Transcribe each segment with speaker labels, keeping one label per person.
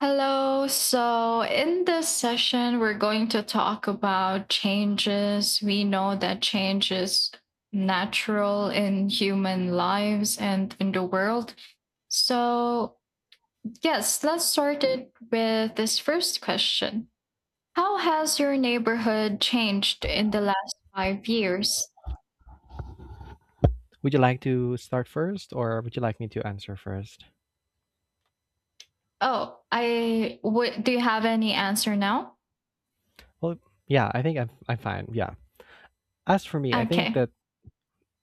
Speaker 1: Hello. So, in this session, we're going to talk about changes. We know that change is natural in human lives and in the world. So, yes, let's start it with this first question. How has your neighborhood changed in the last 5 years?
Speaker 2: Would you like to start first, or would you like me to answer first?
Speaker 1: Oh, I would. Do you have any answer now?
Speaker 2: Well, yeah, I think I'm fine. Yeah. As for me, I think
Speaker 1: Okay.
Speaker 2: that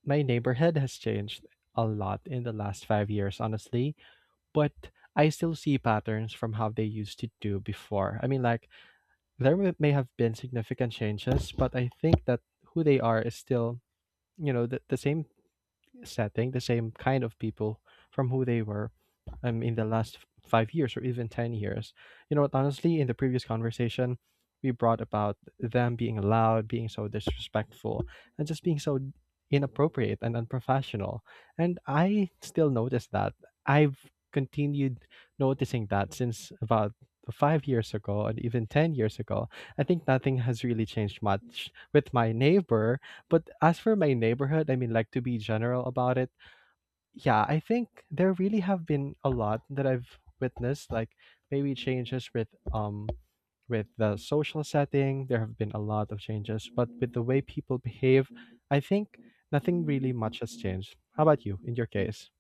Speaker 2: my neighborhood has changed a lot in the last 5 years, honestly. But I still see patterns from how they used to do before. I mean, like there may have been significant changes, but I think that who they are is still, the same setting the same kind of people from who they were in the last 5 years or even 10 years. You know what, honestly, in the previous conversation, we brought about them being loud, being so disrespectful, and just being so inappropriate and unprofessional. And I still notice that. I've continued noticing that since about 5 years ago and even 10 years ago. I think nothing has really changed much. With my neighbor, but as for my neighborhood, I mean, like to be general about it, yeah, I think there really have been a lot that I've witnessed, like maybe changes with the social setting. There have been a lot of changes, but with the way people behave, I think nothing really much has changed. How about you in your case?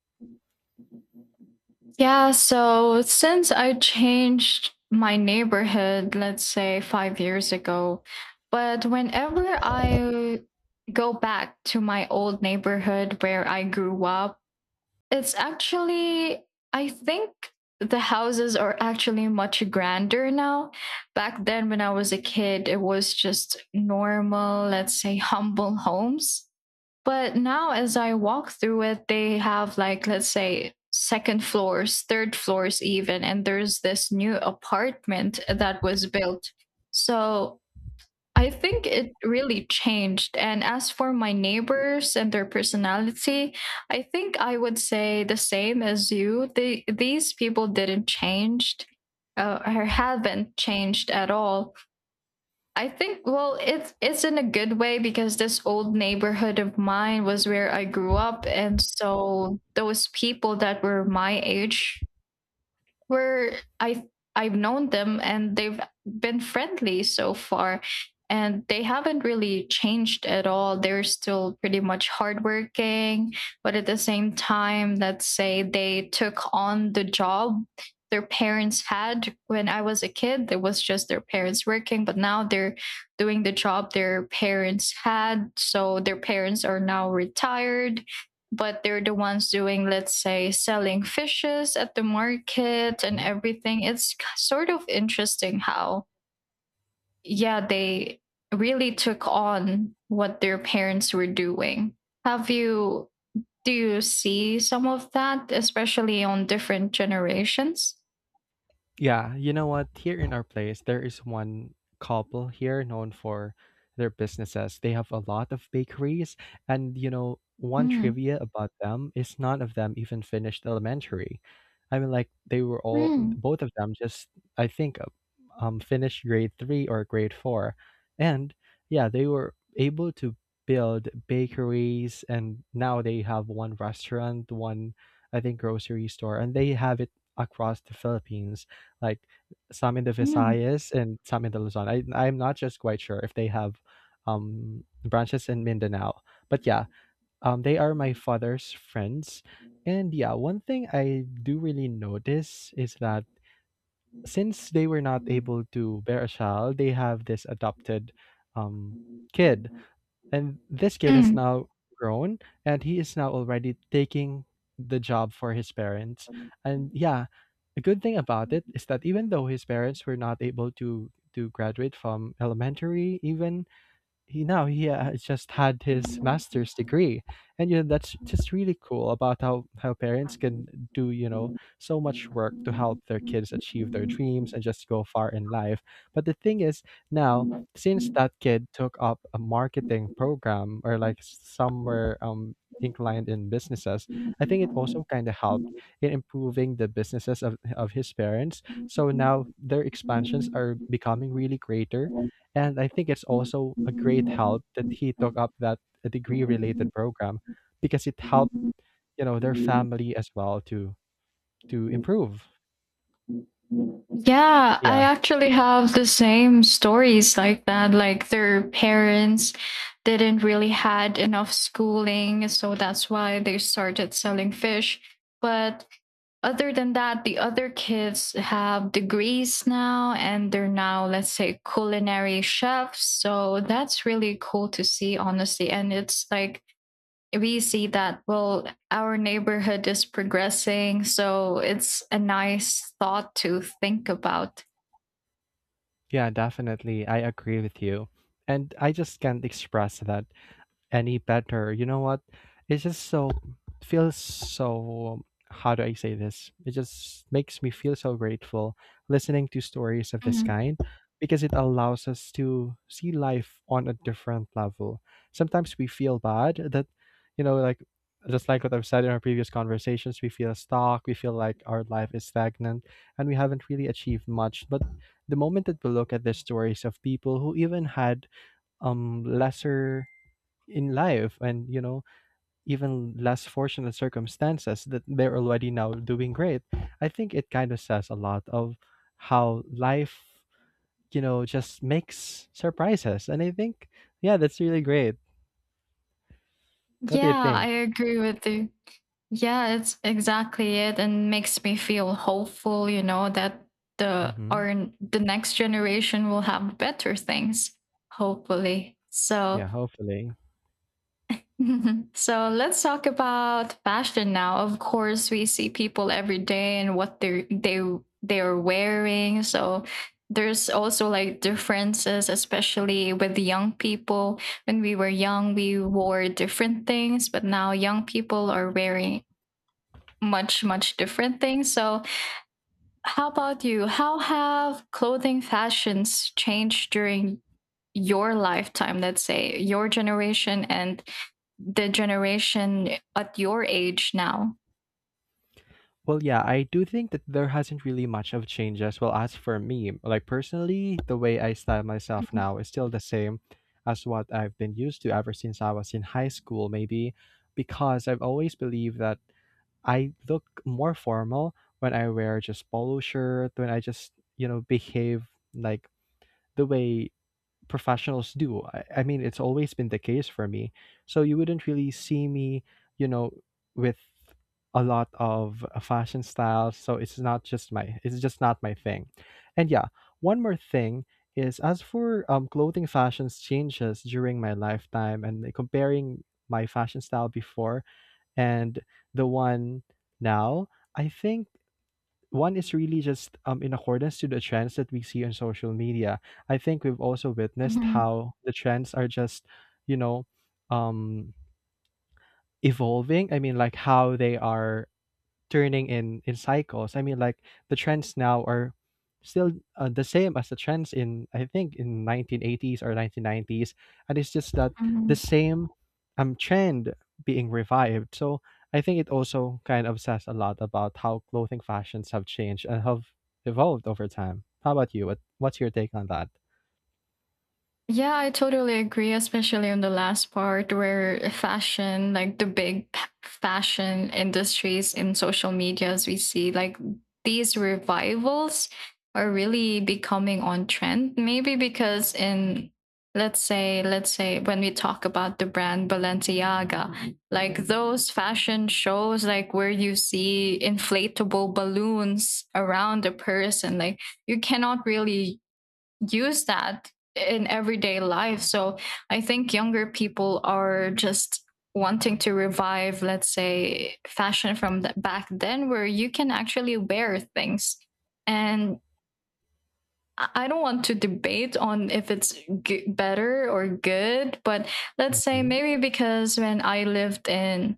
Speaker 1: Yeah, so since I changed my neighborhood, let's say 5 years ago, but whenever I go back to my old neighborhood where I grew up, it's actually, I think the houses are actually much grander now. Back then, when I was a kid, it was just normal, let's say, humble homes. But now, as I walk through it, they have like, let's say, second floors, third floors, even. And there's this new apartment that was built. So I think it really changed. And as for my neighbors and their personality, I think I would say the same as you. They, these people didn't change or haven't changed at all. I think well it's in a good way because this old neighborhood of mine was where I grew up, and so those people that were my age, where I I've known them and they've been friendly so far, and they haven't really changed at all. They're still pretty much hardworking, but at the same time, let's say they took on the job their parents had. When I was a kid, it was just their parents working, but now they're doing the job their parents had. So their parents are now retired, but they're the ones doing, let's say, selling fishes at the market and
Speaker 2: Mm-hmm.
Speaker 1: everything. It's sort of interesting how, yeah, they really took on what their parents were doing. Have you, do you see some of that, especially on different generations?
Speaker 2: Yeah, you know what? Here in our place, there is one couple here known for their businesses. They have a lot of bakeries, and you know, one
Speaker 1: Mm.
Speaker 2: trivia about them is none of them even finished elementary. I mean, like they were all,
Speaker 1: Mm.
Speaker 2: both of them just, I think, finished grade three or grade four, and yeah, they were able to build bakeries, and now they have one restaurant, one, I think, grocery store, and they have it across the Philippines like some in the
Speaker 1: Mm.
Speaker 2: Visayas and some in the Luzon. I'm not just quite sure if they have branches in Mindanao. But yeah, they are my father's friends. And yeah, one thing I do really notice is that since they were not able to bear a child, they have this adopted um kid, and this kid has now grown, and he is now already taking the job for his parents. And yeah, a good thing about it is that even though his parents were not able to graduate from elementary even, he now he just had his master's degree, and you know, that's just really cool about how parents can do, you know, so much work to help their kids achieve their dreams and just go far in life. But the thing is, now, since that kid took up a marketing program or like somewhere inclined in businesses, I think it also kind of helped in improving the businesses of his parents, so now their expansions are becoming really greater,
Speaker 1: Mm.
Speaker 2: and I think it's also a great help that he took up that degree related program, because it
Speaker 1: Yeah,
Speaker 2: helped, you know, their family as well to improve.
Speaker 1: I
Speaker 2: Yeah.
Speaker 1: actually have the same stories like that. Like their parents didn't really had enough schooling, so that's why they started selling fish. But other than that, the other kids have degrees now and they're now, let's say, culinary chefs. So that's really cool to see, honestly. And it's like we see that well our neighborhood is progressing, so it's a nice thought to think about.
Speaker 2: Yeah, definitely. I agree with you. And I just can't express that any better. You know what? It just so feels so, how do I say this? It just makes me feel so grateful listening to stories of this
Speaker 1: Mhm.
Speaker 2: kind, because it allows us to see life on a different level. Sometimes we feel bad that, you know, like, just like what I've said in our previous conversations, we feel stuck, we feel like our life is stagnant and we haven't really achieved much. But the moment that we look at the stories of people who even had lesser in life, and you know, even less fortunate circumstances, that they're already now doing great, I think it kind of says a lot of how life, you know, just makes surprises. And I think, yeah, that's really great. What do you
Speaker 1: Yeah, I
Speaker 2: think?
Speaker 1: agree with you. Yeah, it's exactly it, and makes me feel hopeful, you know, that the
Speaker 2: Hmm.
Speaker 1: our the next generation will have better things, hopefully so.
Speaker 2: Yeah, hopefully.
Speaker 1: So let's talk about fashion now. Of course, we see people every day and what they they're wearing. So there's also like differences, especially with the young people. When we were young, we wore different things, but now young people are wearing much different things. So how about you? How have clothing fashions changed during your lifetime, let's say, your generation and the generation at your age now?
Speaker 2: Well, yeah, I do think that there hasn't really much of change as well as for me. Like, personally, the way I style myself
Speaker 1: Mhm,
Speaker 2: now is still the same as what I've been used to ever since I was in high school, maybe because I've always believed that I look more formal when I wear just polo shirt, when I just, you know, behave like the way professionals do. I mean, it's always been the case for me. So you wouldn't really see me, you know, with a lot of fashion styles. So it's not just my, it's just not my thing. And yeah, one more thing is, as for clothing fashions changes during my lifetime, and like, comparing my fashion style before and the one now, I think one is really just in accordance to the trends that we see on social media. I think we've also witnessed
Speaker 1: mhm,
Speaker 2: how the trends are just, you know, um, evolving. I mean, like how they are turning in cycles. I mean, like the trends now are still the same as the trends in, I think, in 1980s or 1990s, and it's just that the
Speaker 1: mhm.
Speaker 2: same trend being revived. So I think it also kind of says a lot about how clothing fashions have changed and have evolved over time. How about you? What's your take on that?
Speaker 1: Yeah, I totally agree, especially on the last part where fashion, like the big fashion industries in social media, as we see, like these revivals are really becoming on trend. Maybe because in let's say when we talk about the brand Balenciaga, Mhm. Like those fashion shows, like where you see inflatable balloons around a person, like you cannot really use that in everyday life. So I think younger people are just wanting to revive, let's say, fashion from the, back then, where you can actually wear things. And I don't want to debate on if it's better or good, but let's say
Speaker 2: Hmm.
Speaker 1: maybe because when I lived in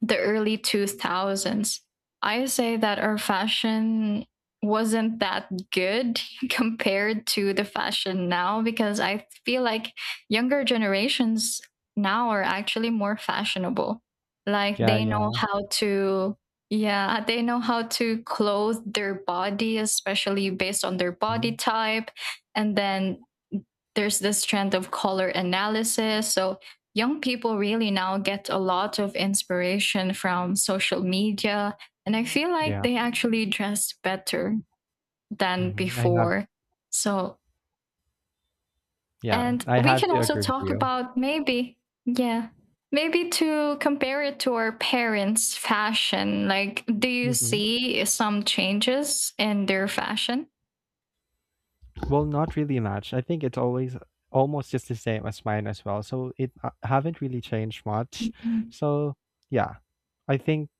Speaker 1: the early 2000s. I say that our fashion wasn't that good compared to the fashion now because I feel like younger generations now are actually more fashionable. Like
Speaker 2: Yeah,
Speaker 1: they know
Speaker 2: yeah.
Speaker 1: how to, yeah, they know how to clothe their body, especially based on their body
Speaker 2: Hmm.
Speaker 1: type. And then there's this trend of color analysis. So young people really now get a lot of inspiration from social media. And I feel like
Speaker 2: Yeah.
Speaker 1: they actually dress better than
Speaker 2: Hmm. I have,
Speaker 1: before. So,
Speaker 2: yeah,
Speaker 1: and
Speaker 2: I
Speaker 1: we
Speaker 2: have
Speaker 1: can
Speaker 2: to
Speaker 1: also
Speaker 2: agree
Speaker 1: talk
Speaker 2: with
Speaker 1: about maybe, yeah, maybe to compare it to our parents' fashion. Like, do you
Speaker 2: you.
Speaker 1: see some changes in their fashion?
Speaker 2: Well, not really much. I think it's always almost just the same as mine as well. So it I haven't really changed much.
Speaker 1: Mhm.
Speaker 2: So yeah, I think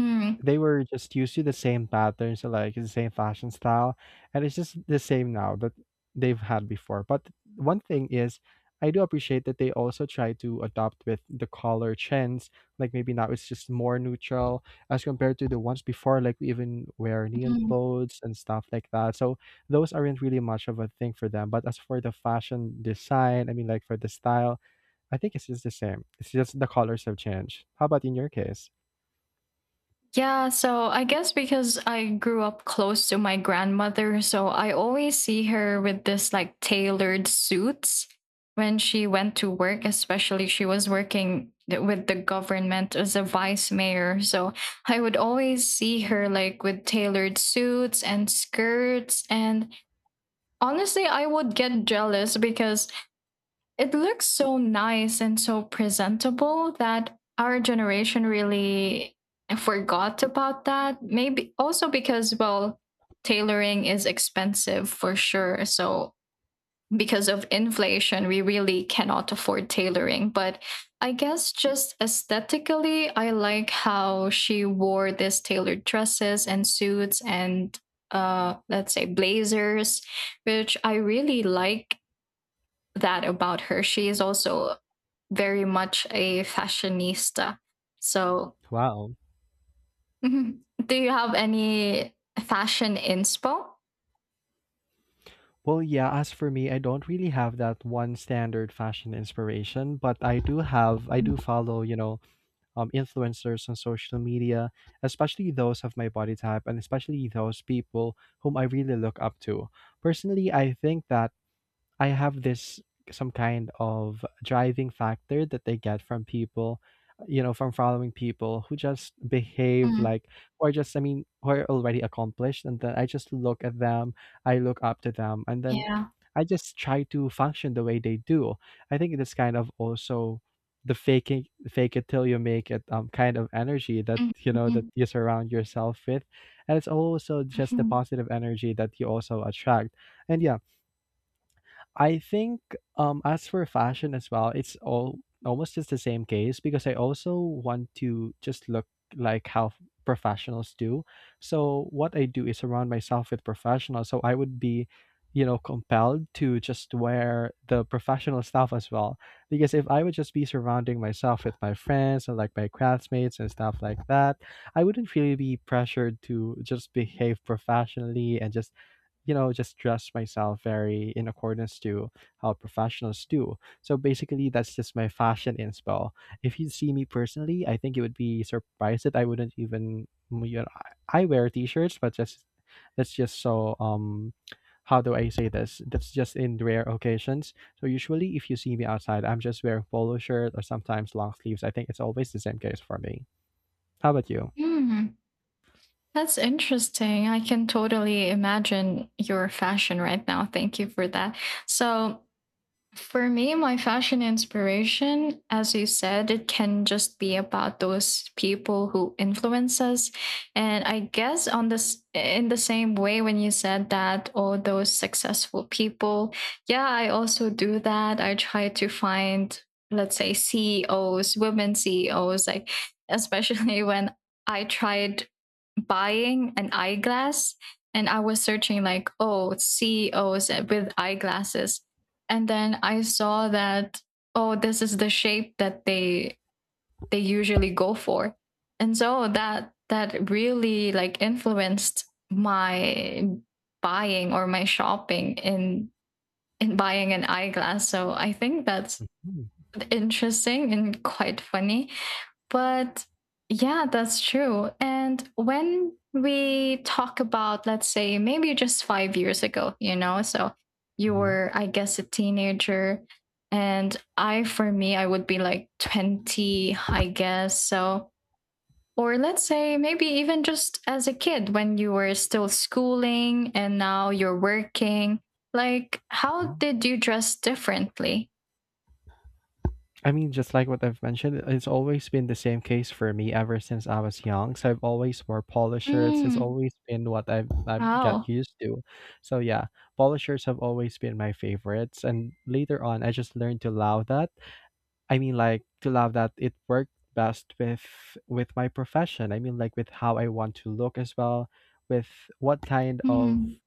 Speaker 1: Mm,
Speaker 2: they were just used to the same patterns, like the same fashion style, and it's just the same now that they've had before. But one thing is, I do appreciate that they also try to adopt with the color trends. Like maybe now it's just more neutral as compared to the ones before. Like we even wear neon
Speaker 1: mm.
Speaker 2: clothes and stuff like that. So those aren't really much of a thing for them. But as for the fashion design, I mean, like for the style, I think it's just the same. It's just the colors have changed. How about in your case?
Speaker 1: Yeah, so I guess because I grew up close to my grandmother, so I always see her with this like tailored suits when she went to work, especially she was working with the government as a vice mayor. So I would always see her like with tailored suits and skirts. And honestly, I would get jealous because it looks so nice and so presentable that our generation really forgot about that. Maybe also because, well, tailoring is expensive for sure. So, because of inflation, we really cannot afford tailoring. But I guess just aesthetically, I like how she wore these tailored dresses and suits and let's say blazers, which I really like that about her. She is also very much a fashionista. So,
Speaker 2: Wow.
Speaker 1: mhm. Do you have any fashion inspo?
Speaker 2: Well, yeah, as for me, I don't really have that one standard fashion inspiration, but I do have, I do follow, you know, influencers on social media, especially those of my body type and especially those people whom I really look up to. Personally, I think that I have this some kind of driving factor that they get from people, you know, from following people who just behave
Speaker 1: Mm,
Speaker 2: like, or just, I mean, who are already accomplished. And then I just look at them, I look up to them, and then
Speaker 1: yeah.
Speaker 2: I just try to function the way they do. I think it's kind of also the faking fake it till you make it kind of energy that, you know, that
Speaker 1: Mhm,
Speaker 2: you surround yourself with, and it's also just the
Speaker 1: mhm.
Speaker 2: positive energy that you also attract. And yeah, I think, as for fashion as well, it's all almost just the same case because I also want to just look like how professionals do. So what I do is surround myself with professionals. So I would be, you know, compelled to just wear the professional stuff as well. Because if I would just be surrounding myself with my friends or like my classmates and stuff like that, I wouldn't really be pressured to just behave professionally and just, you know, just dress myself very in accordance to how professionals do. So basically, that's just my fashion inspo. If you see me personally, I think you would be surprised that I wouldn't even, you know, I wear t-shirts, but just that's just so how do I say this? That's just in rare occasions. So usually if you see me outside, I'm just wearing polo shirt or sometimes long sleeves. I think it's always the same case for me. How about you?
Speaker 1: Mm, that's interesting. I can totally imagine your fashion right now. Thank you for that. So, for me, my fashion inspiration, as you said, it can just be about those people who influence us. And I guess on this in the same way when you said that all those successful people, yeah, I also do that. I try to find, let's say, CEOs, women CEOs, like especially when I tried buying an eyeglass and I was searching like, oh, CEOs with eyeglasses, and then I saw that oh this is the shape that they usually go for. And so that really like influenced my buying or my shopping in buying an eyeglass. So I think that's interesting and quite funny. But yeah, that's true. And when we talk about, let's say, maybe just 5 years ago, you know, so you
Speaker 2: Mm-hmm.
Speaker 1: were, I guess, a teenager. And I, for me, I would be like 20, I guess. So, or let's say maybe even just as a kid when you were still schooling and now you're working. Like, how did you dress differently?
Speaker 2: I mean, just like what I've mentioned, it's always been the same case for me ever since I was young. So I've always wore polo shirts. It's
Speaker 1: Mm,
Speaker 2: always been what I've got
Speaker 1: wow.
Speaker 2: used to. So yeah, polo shirts have always been my favorites. And later on, I just learned to love that, I mean, like to love that it worked best with my profession. I mean, like with how I want to look as well, with what kind
Speaker 1: Mm-hmm.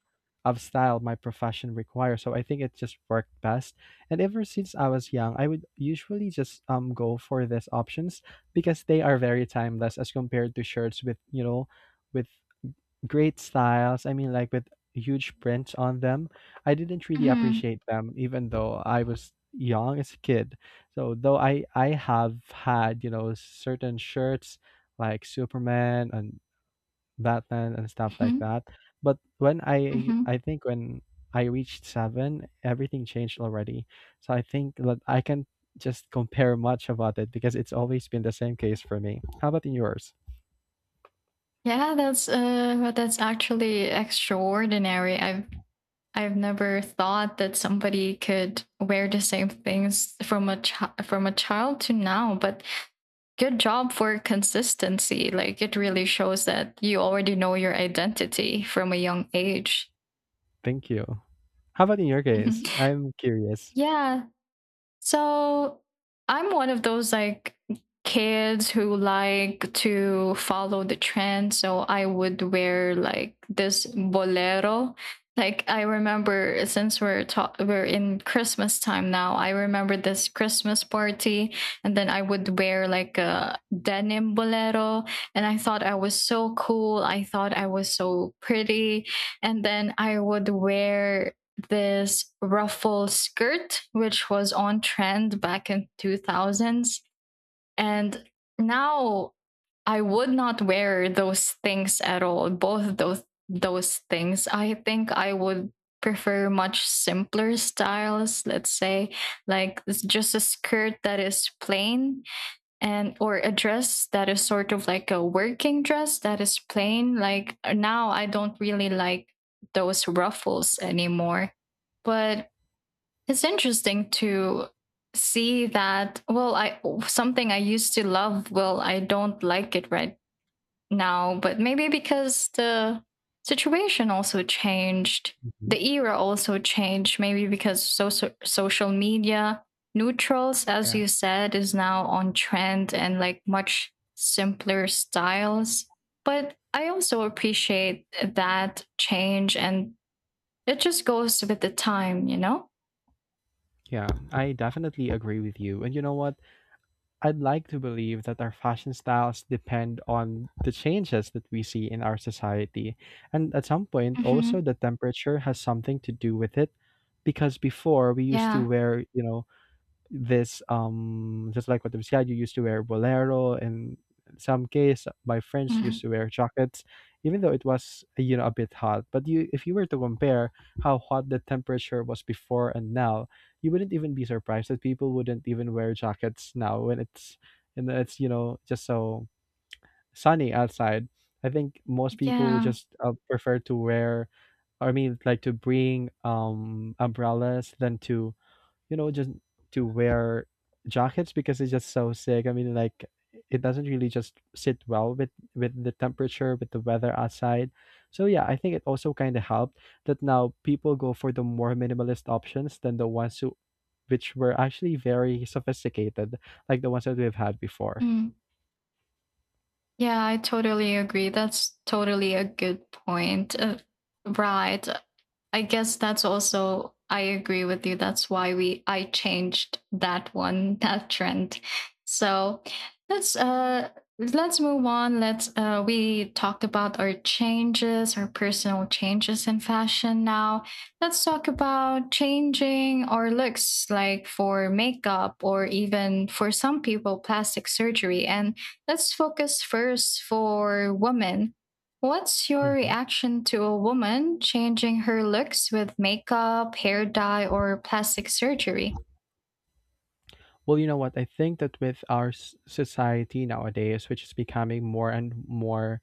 Speaker 2: of style my profession requires. So I think it just worked best. And ever since I was young, I would usually just go for these options because they are very timeless as compared to shirts with, you know, with great styles. I mean, like with huge prints on them. I didn't really
Speaker 1: Mm-hmm.
Speaker 2: appreciate them, even though I was young as a kid. So though I have had, you know, certain shirts like Superman and Batman and stuff like
Speaker 1: Mm-hmm.
Speaker 2: that. But when I
Speaker 1: Mm-hmm.
Speaker 2: I think when I reached seven, everything changed already. So I think that I can just compare much about it because it's always been the same case for me. How about in yours?
Speaker 1: Yeah, that's actually extraordinary. I've never thought that somebody could wear the same things from a from a child to now, but good job for consistency. Like it really shows that you already know your identity from a young age.
Speaker 2: Thank you. How about in your case? I'm curious.
Speaker 1: Yeah, so I'm one of those like kids who like to follow the trend. So I would wear like this bolero. Like I remember since we're we're in Christmas time now, I remember this Christmas party, and then I would wear like a denim bolero, and I thought I was so cool. I thought I was so pretty. And then I would wear this ruffle skirt, which was on trend back in 2000s. And now I would not wear those things at all. Both those things. I think I would prefer much simpler styles, let's say, like it's just a skirt that is plain and or a dress that is sort of like a working dress that is plain. Like now I don't really like those ruffles anymore. But it's interesting to see that well I something I used to love well I don't like it right now. But maybe because the situation also changed,
Speaker 2: Mhm.
Speaker 1: the era also changed, maybe because social media neutrals as
Speaker 2: Yeah,
Speaker 1: you said is now on trend and like much simpler styles. But I also appreciate that change, and it just goes with the time, you know.
Speaker 2: yeah, I definitely agree with you. And you know what? I'd like to believe that our fashion styles depend on the changes that we see in our society. And at some point, also,
Speaker 1: Hmm.
Speaker 2: the temperature has something to do with it. Because before, we used to
Speaker 1: Yeah.
Speaker 2: wear, you know, this just like what you said, you used to wear bolero and some case my friends used
Speaker 1: Mhm.
Speaker 2: to wear jackets even though it was, you know, a bit hot. But you if you were to compare how hot the temperature was before and now, you wouldn't even be surprised that people wouldn't even wear jackets now when it's and it's, you know, just so sunny outside. I think most people would
Speaker 1: Yeah.
Speaker 2: just prefer to wear, I mean, like to bring umbrellas than to, you know, just to wear jackets because it's just so sick. I mean, like it doesn't really just sit well with the temperature, with the weather outside. So yeah, I think it also kind of helped that now people go for the more minimalist options than the ones who which were actually very sophisticated, like the ones that we've had before.
Speaker 1: Mm. Yeah, I totally agree. That's totally a good point. Right. I guess that's also I agree with you. That's why we I changed that one, that trend. So let's uh let's move on. Let's We talked about our changes, our personal changes in fashion. Now let's talk about changing our looks like for makeup or even for some people plastic surgery. And let's focus first for women. What's your
Speaker 2: Hmm.
Speaker 1: reaction to a woman changing her looks with makeup, hair dye, or plastic surgery?
Speaker 2: Well, you know what? I think that with our s- society nowadays, which is becoming more and more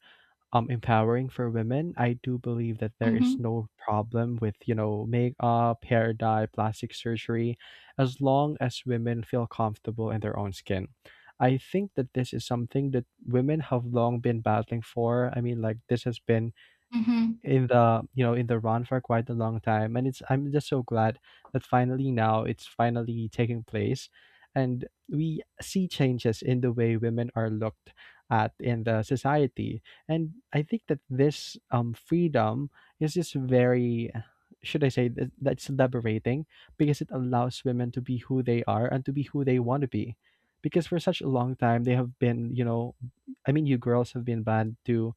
Speaker 2: empowering for women, I do believe that there is
Speaker 1: Hmm.
Speaker 2: no problem with, you know, makeup, hair dye, plastic surgery, as long as women feel comfortable in their own skin. I think that this is something that women have long been battling for. I mean, like this has been
Speaker 1: Hmm.
Speaker 2: in the, you know, in the run for quite a long time, and it's I'm just so glad that finally now it's finally taking place, and we see changes in the way women are looked at in the society. And I think that this freedom is just very should I say that, that's liberating, because it allows women to be who they are and to be who they want to be. Because for such a long time they have been, you know, I mean, you girls have been banned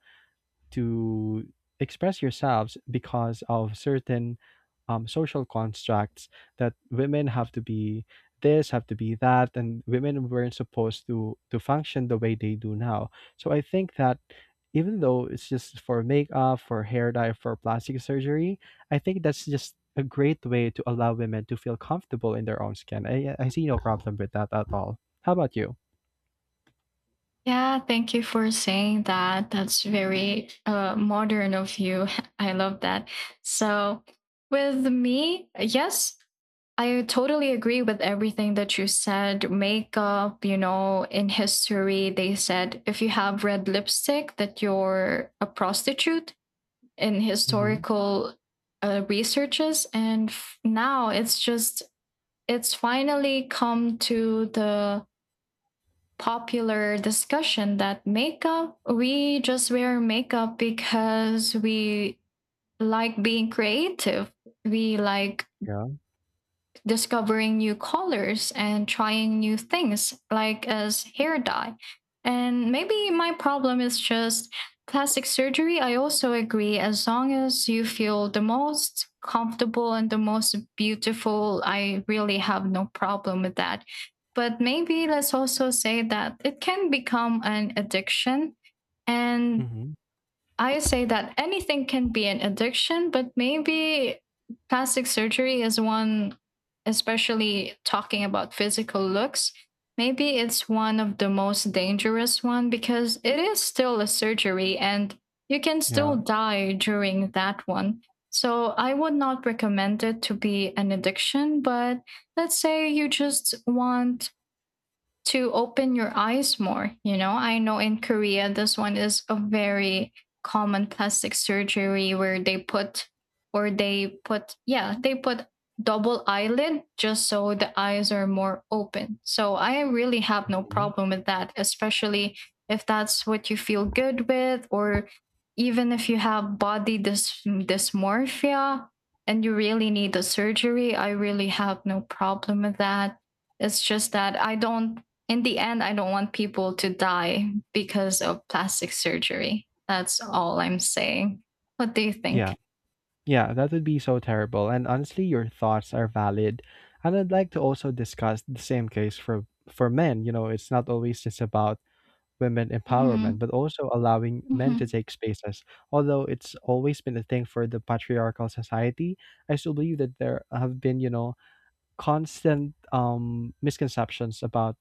Speaker 2: to express yourselves because of certain social constructs that women have to be this, have to be that, and women weren't supposed to function the way they do now. So I think that even though it's just for makeup, for hair dye, for plastic surgery, I think that's just a great way to allow women to feel comfortable in their own skin. I see no problem with that at all. How about you?
Speaker 1: Yeah, thank you for saying that. That's very modern of you. I love that. So, with me, yes, I totally agree with everything that you said. Makeup, you know, in history, they said if you have red lipstick, that you're a prostitute in
Speaker 2: Mm-hmm.
Speaker 1: historical researches, and now it's just it's finally come to the popular discussion that makeup, we just wear makeup because we like being creative, we like
Speaker 2: Yeah.
Speaker 1: discovering new colors and trying new things, like as hair dye. And maybe my problem is just plastic surgery. I also agree, as long as you feel the most comfortable and the most beautiful, I really have no problem with that. But maybe let's also say that it can become an addiction. And
Speaker 2: Mm-hmm.
Speaker 1: I say that anything can be an addiction, but maybe plastic surgery is one, especially talking about physical looks. Maybe it's one of the most dangerous one because it is still a surgery and you can still
Speaker 2: Yeah.
Speaker 1: die during that one. So I would not recommend it to be an addiction, but let's say you just want to open your eyes more. You know, I know in Korea, this one is a very common plastic surgery where they put, or they put, yeah, they put double eyelid just so the eyes are more open. So I really have no
Speaker 2: Hmm.
Speaker 1: problem with that, especially if that's what you feel good with, or even if you have dysmorphia and you really need the surgery, I really have no problem with that. It's just that I don't in the end, I don't want people to die because of plastic surgery. That's all I'm saying. What do you think?
Speaker 2: Yeah. Yeah, that would be so terrible. And honestly, your thoughts are valid. And I'd like to also discuss the same case for men. You know, it's not always just about women empowerment,
Speaker 1: Mm-hmm.
Speaker 2: but also allowing men to
Speaker 1: Mm-hmm.
Speaker 2: take spaces. Although it's always been a thing for the patriarchal society, I still believe that there have been, you know, constant misconceptions about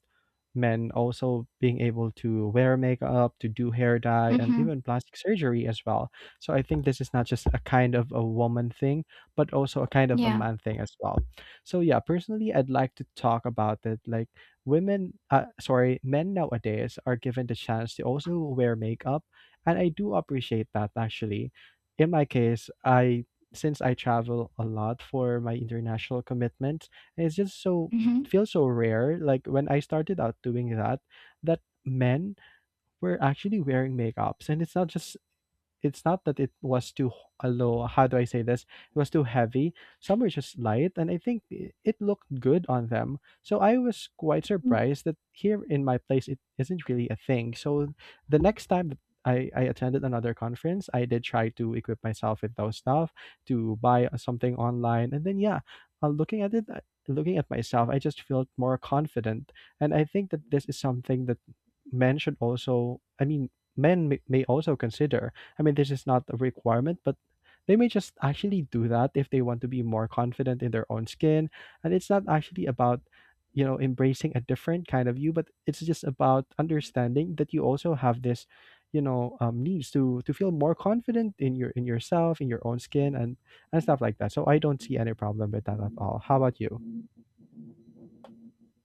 Speaker 2: men also being able to wear makeup, to do hair dye, and
Speaker 1: Mm-hmm.
Speaker 2: even plastic surgery as well. So I think this is not just a kind of a woman thing, but also a kind of a
Speaker 1: Yeah.
Speaker 2: man thing as well. So yeah, personally, I'd like to talk about it. Like women, sorry, men nowadays are given the chance to also wear makeup, and I do appreciate that actually. In my case, I since I travel a lot for my international commitments, it's just so
Speaker 1: Mm-hmm.
Speaker 2: feels so rare. Like when I started out doing that, that men were actually wearing makeups, and it's not just it's not that it was too h- low, how do I say this, it was too heavy. Some were just light, and I think it looked good on them, so I was quite surprised that here in my place it isn't really a thing. So the next time that I attended another conference, I did try to equip myself with those stuff, to buy something online, and then yeah, looking at it, looking at myself, I just felt more confident. And I think that this is something that men should also, I mean, men may also consider. I mean, this is not a requirement, but they may just actually do that if they want to be more confident in their own skin. And it's not actually about, you know, embracing a different kind of you, but it's just about understanding that you also have this, you know, needs to feel more confident in your in yourself, in your own skin, and stuff like that. So I don't see any problem with that at all. How about you?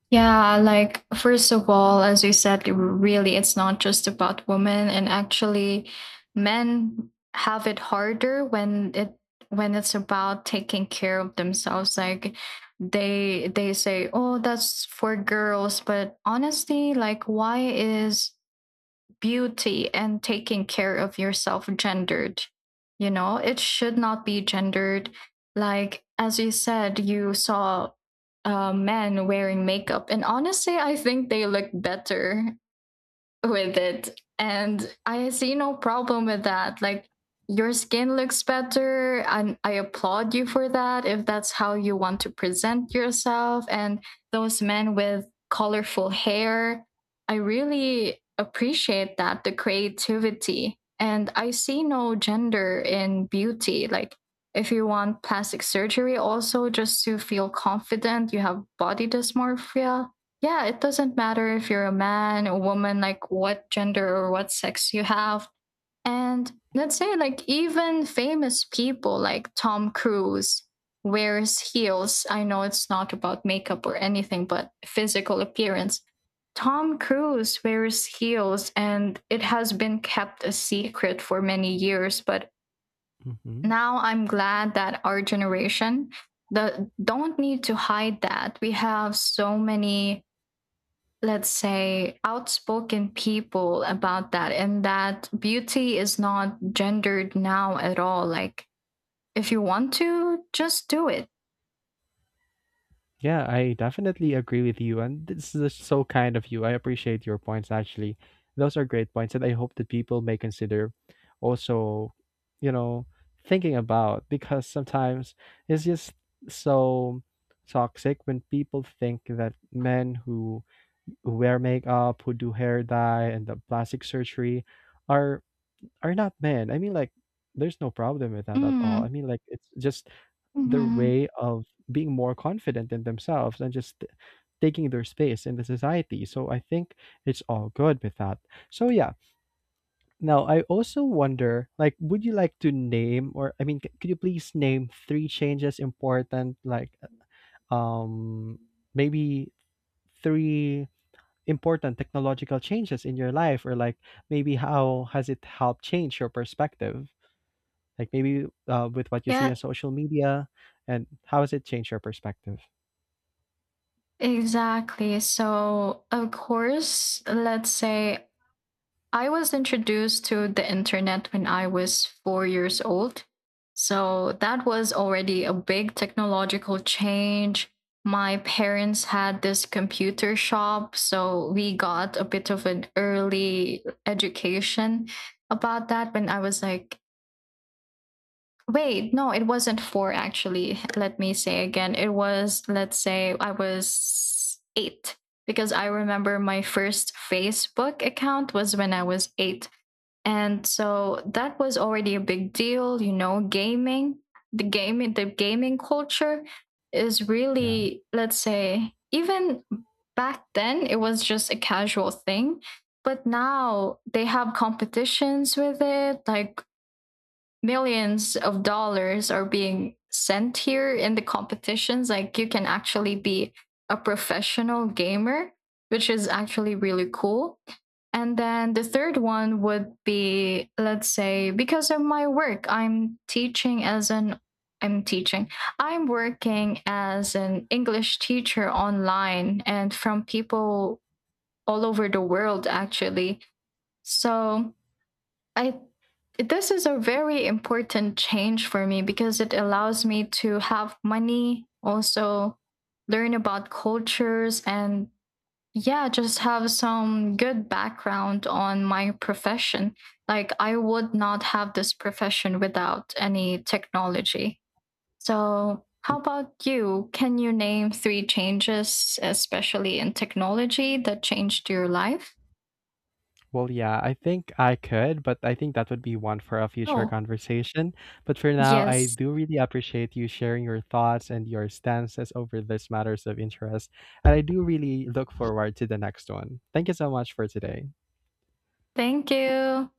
Speaker 1: Yeah, like first of all, as you said, really it's not just about women, and actually men have it harder when it's about taking care of themselves, like they say, oh, that's for girls. But honestly, like, why is beauty and taking care of yourself gendered? You know, it should not be gendered. Like, as you said, you saw men wearing makeup, and honestly, I think they look better with it. And I see no problem with that. Like, your skin looks better, and I applaud you for that if that's how you want to present yourself. And those men with colorful hair, I really appreciate that the creativity. And I see no gender in beauty. Like, if you want plastic surgery, also just to feel confident, you have body dysmorphia, yeah, it doesn't matter if you're a man, a woman, like what gender or what sex you have. And let's say, like, even famous people like Tom Cruise wears heels. I know it's not about makeup or anything, but physical appearance. Tom Cruise wears heels, and it has been kept a secret for many years. But
Speaker 2: Mhm.
Speaker 1: now I'm glad that our generation don't need to hide that. We have so many, let's say, outspoken people about that, and that beauty is not gendered now at all. Like, if you want to just do it.
Speaker 2: Yeah, I definitely agree with you. And this is so kind of you. I appreciate your points, actually. Those are great points that I hope that people may consider also, you know, thinking about, because sometimes it's just so toxic when people think that men who wear makeup, who do hair dye and the plastic surgery are are not men. I mean like there's no problem with that at all.
Speaker 1: Mm.
Speaker 2: I mean like it's just their
Speaker 1: Hmm.
Speaker 2: way of being more confident in themselves and just taking their space in the society. So I think it's all good with that. So yeah. Now I also wonder, like, would you like to name, or I mean, c- could you please name three changes important, like, um, maybe three important technological changes in your life, or like maybe how has it helped change your perspective? Like maybe with what you see
Speaker 1: Yeah,
Speaker 2: on social media, and how has it changed your perspective?
Speaker 1: exactly. So of course, let's say I was introduced to the internet when I was 4 years old. So that was already a big technological change. My parents had this computer shop, so we got a bit of an early education about that when I was like, wait, no, it wasn't four actually. Let me say again. It was, let's say, I was 8, because I remember my first Facebook account was when I was 8, and so that was already a big deal. You know, gaming, the gaming culture is
Speaker 2: Yeah.
Speaker 1: really, let's say, even back then it was just a casual thing, but now they have competitions with it. Like, millions of dollars are being sent here in the competitions. Like, you can actually be a professional gamer, which is actually really cool. And then the third one would be, let's say, because of my work, I'm teaching as an I'm teaching. I'm working as an English teacher online, and from people all over the world actually. So, I, this is a very important change for me because it allows me to have money, also learn about cultures, and yeah, just have some good background on my profession. Like, I would not have this profession without any technology. So, how about you? Can you name three changes, especially in technology, that changed your life?
Speaker 2: Well, yeah, I think I could, but I think that would be one for a future
Speaker 1: Oh,
Speaker 2: conversation. But for now, I
Speaker 1: yes.
Speaker 2: do really appreciate you sharing your thoughts and your stances over these matters of interest. And I do really look forward to the next one. Thank you so much for today.
Speaker 1: Thank you.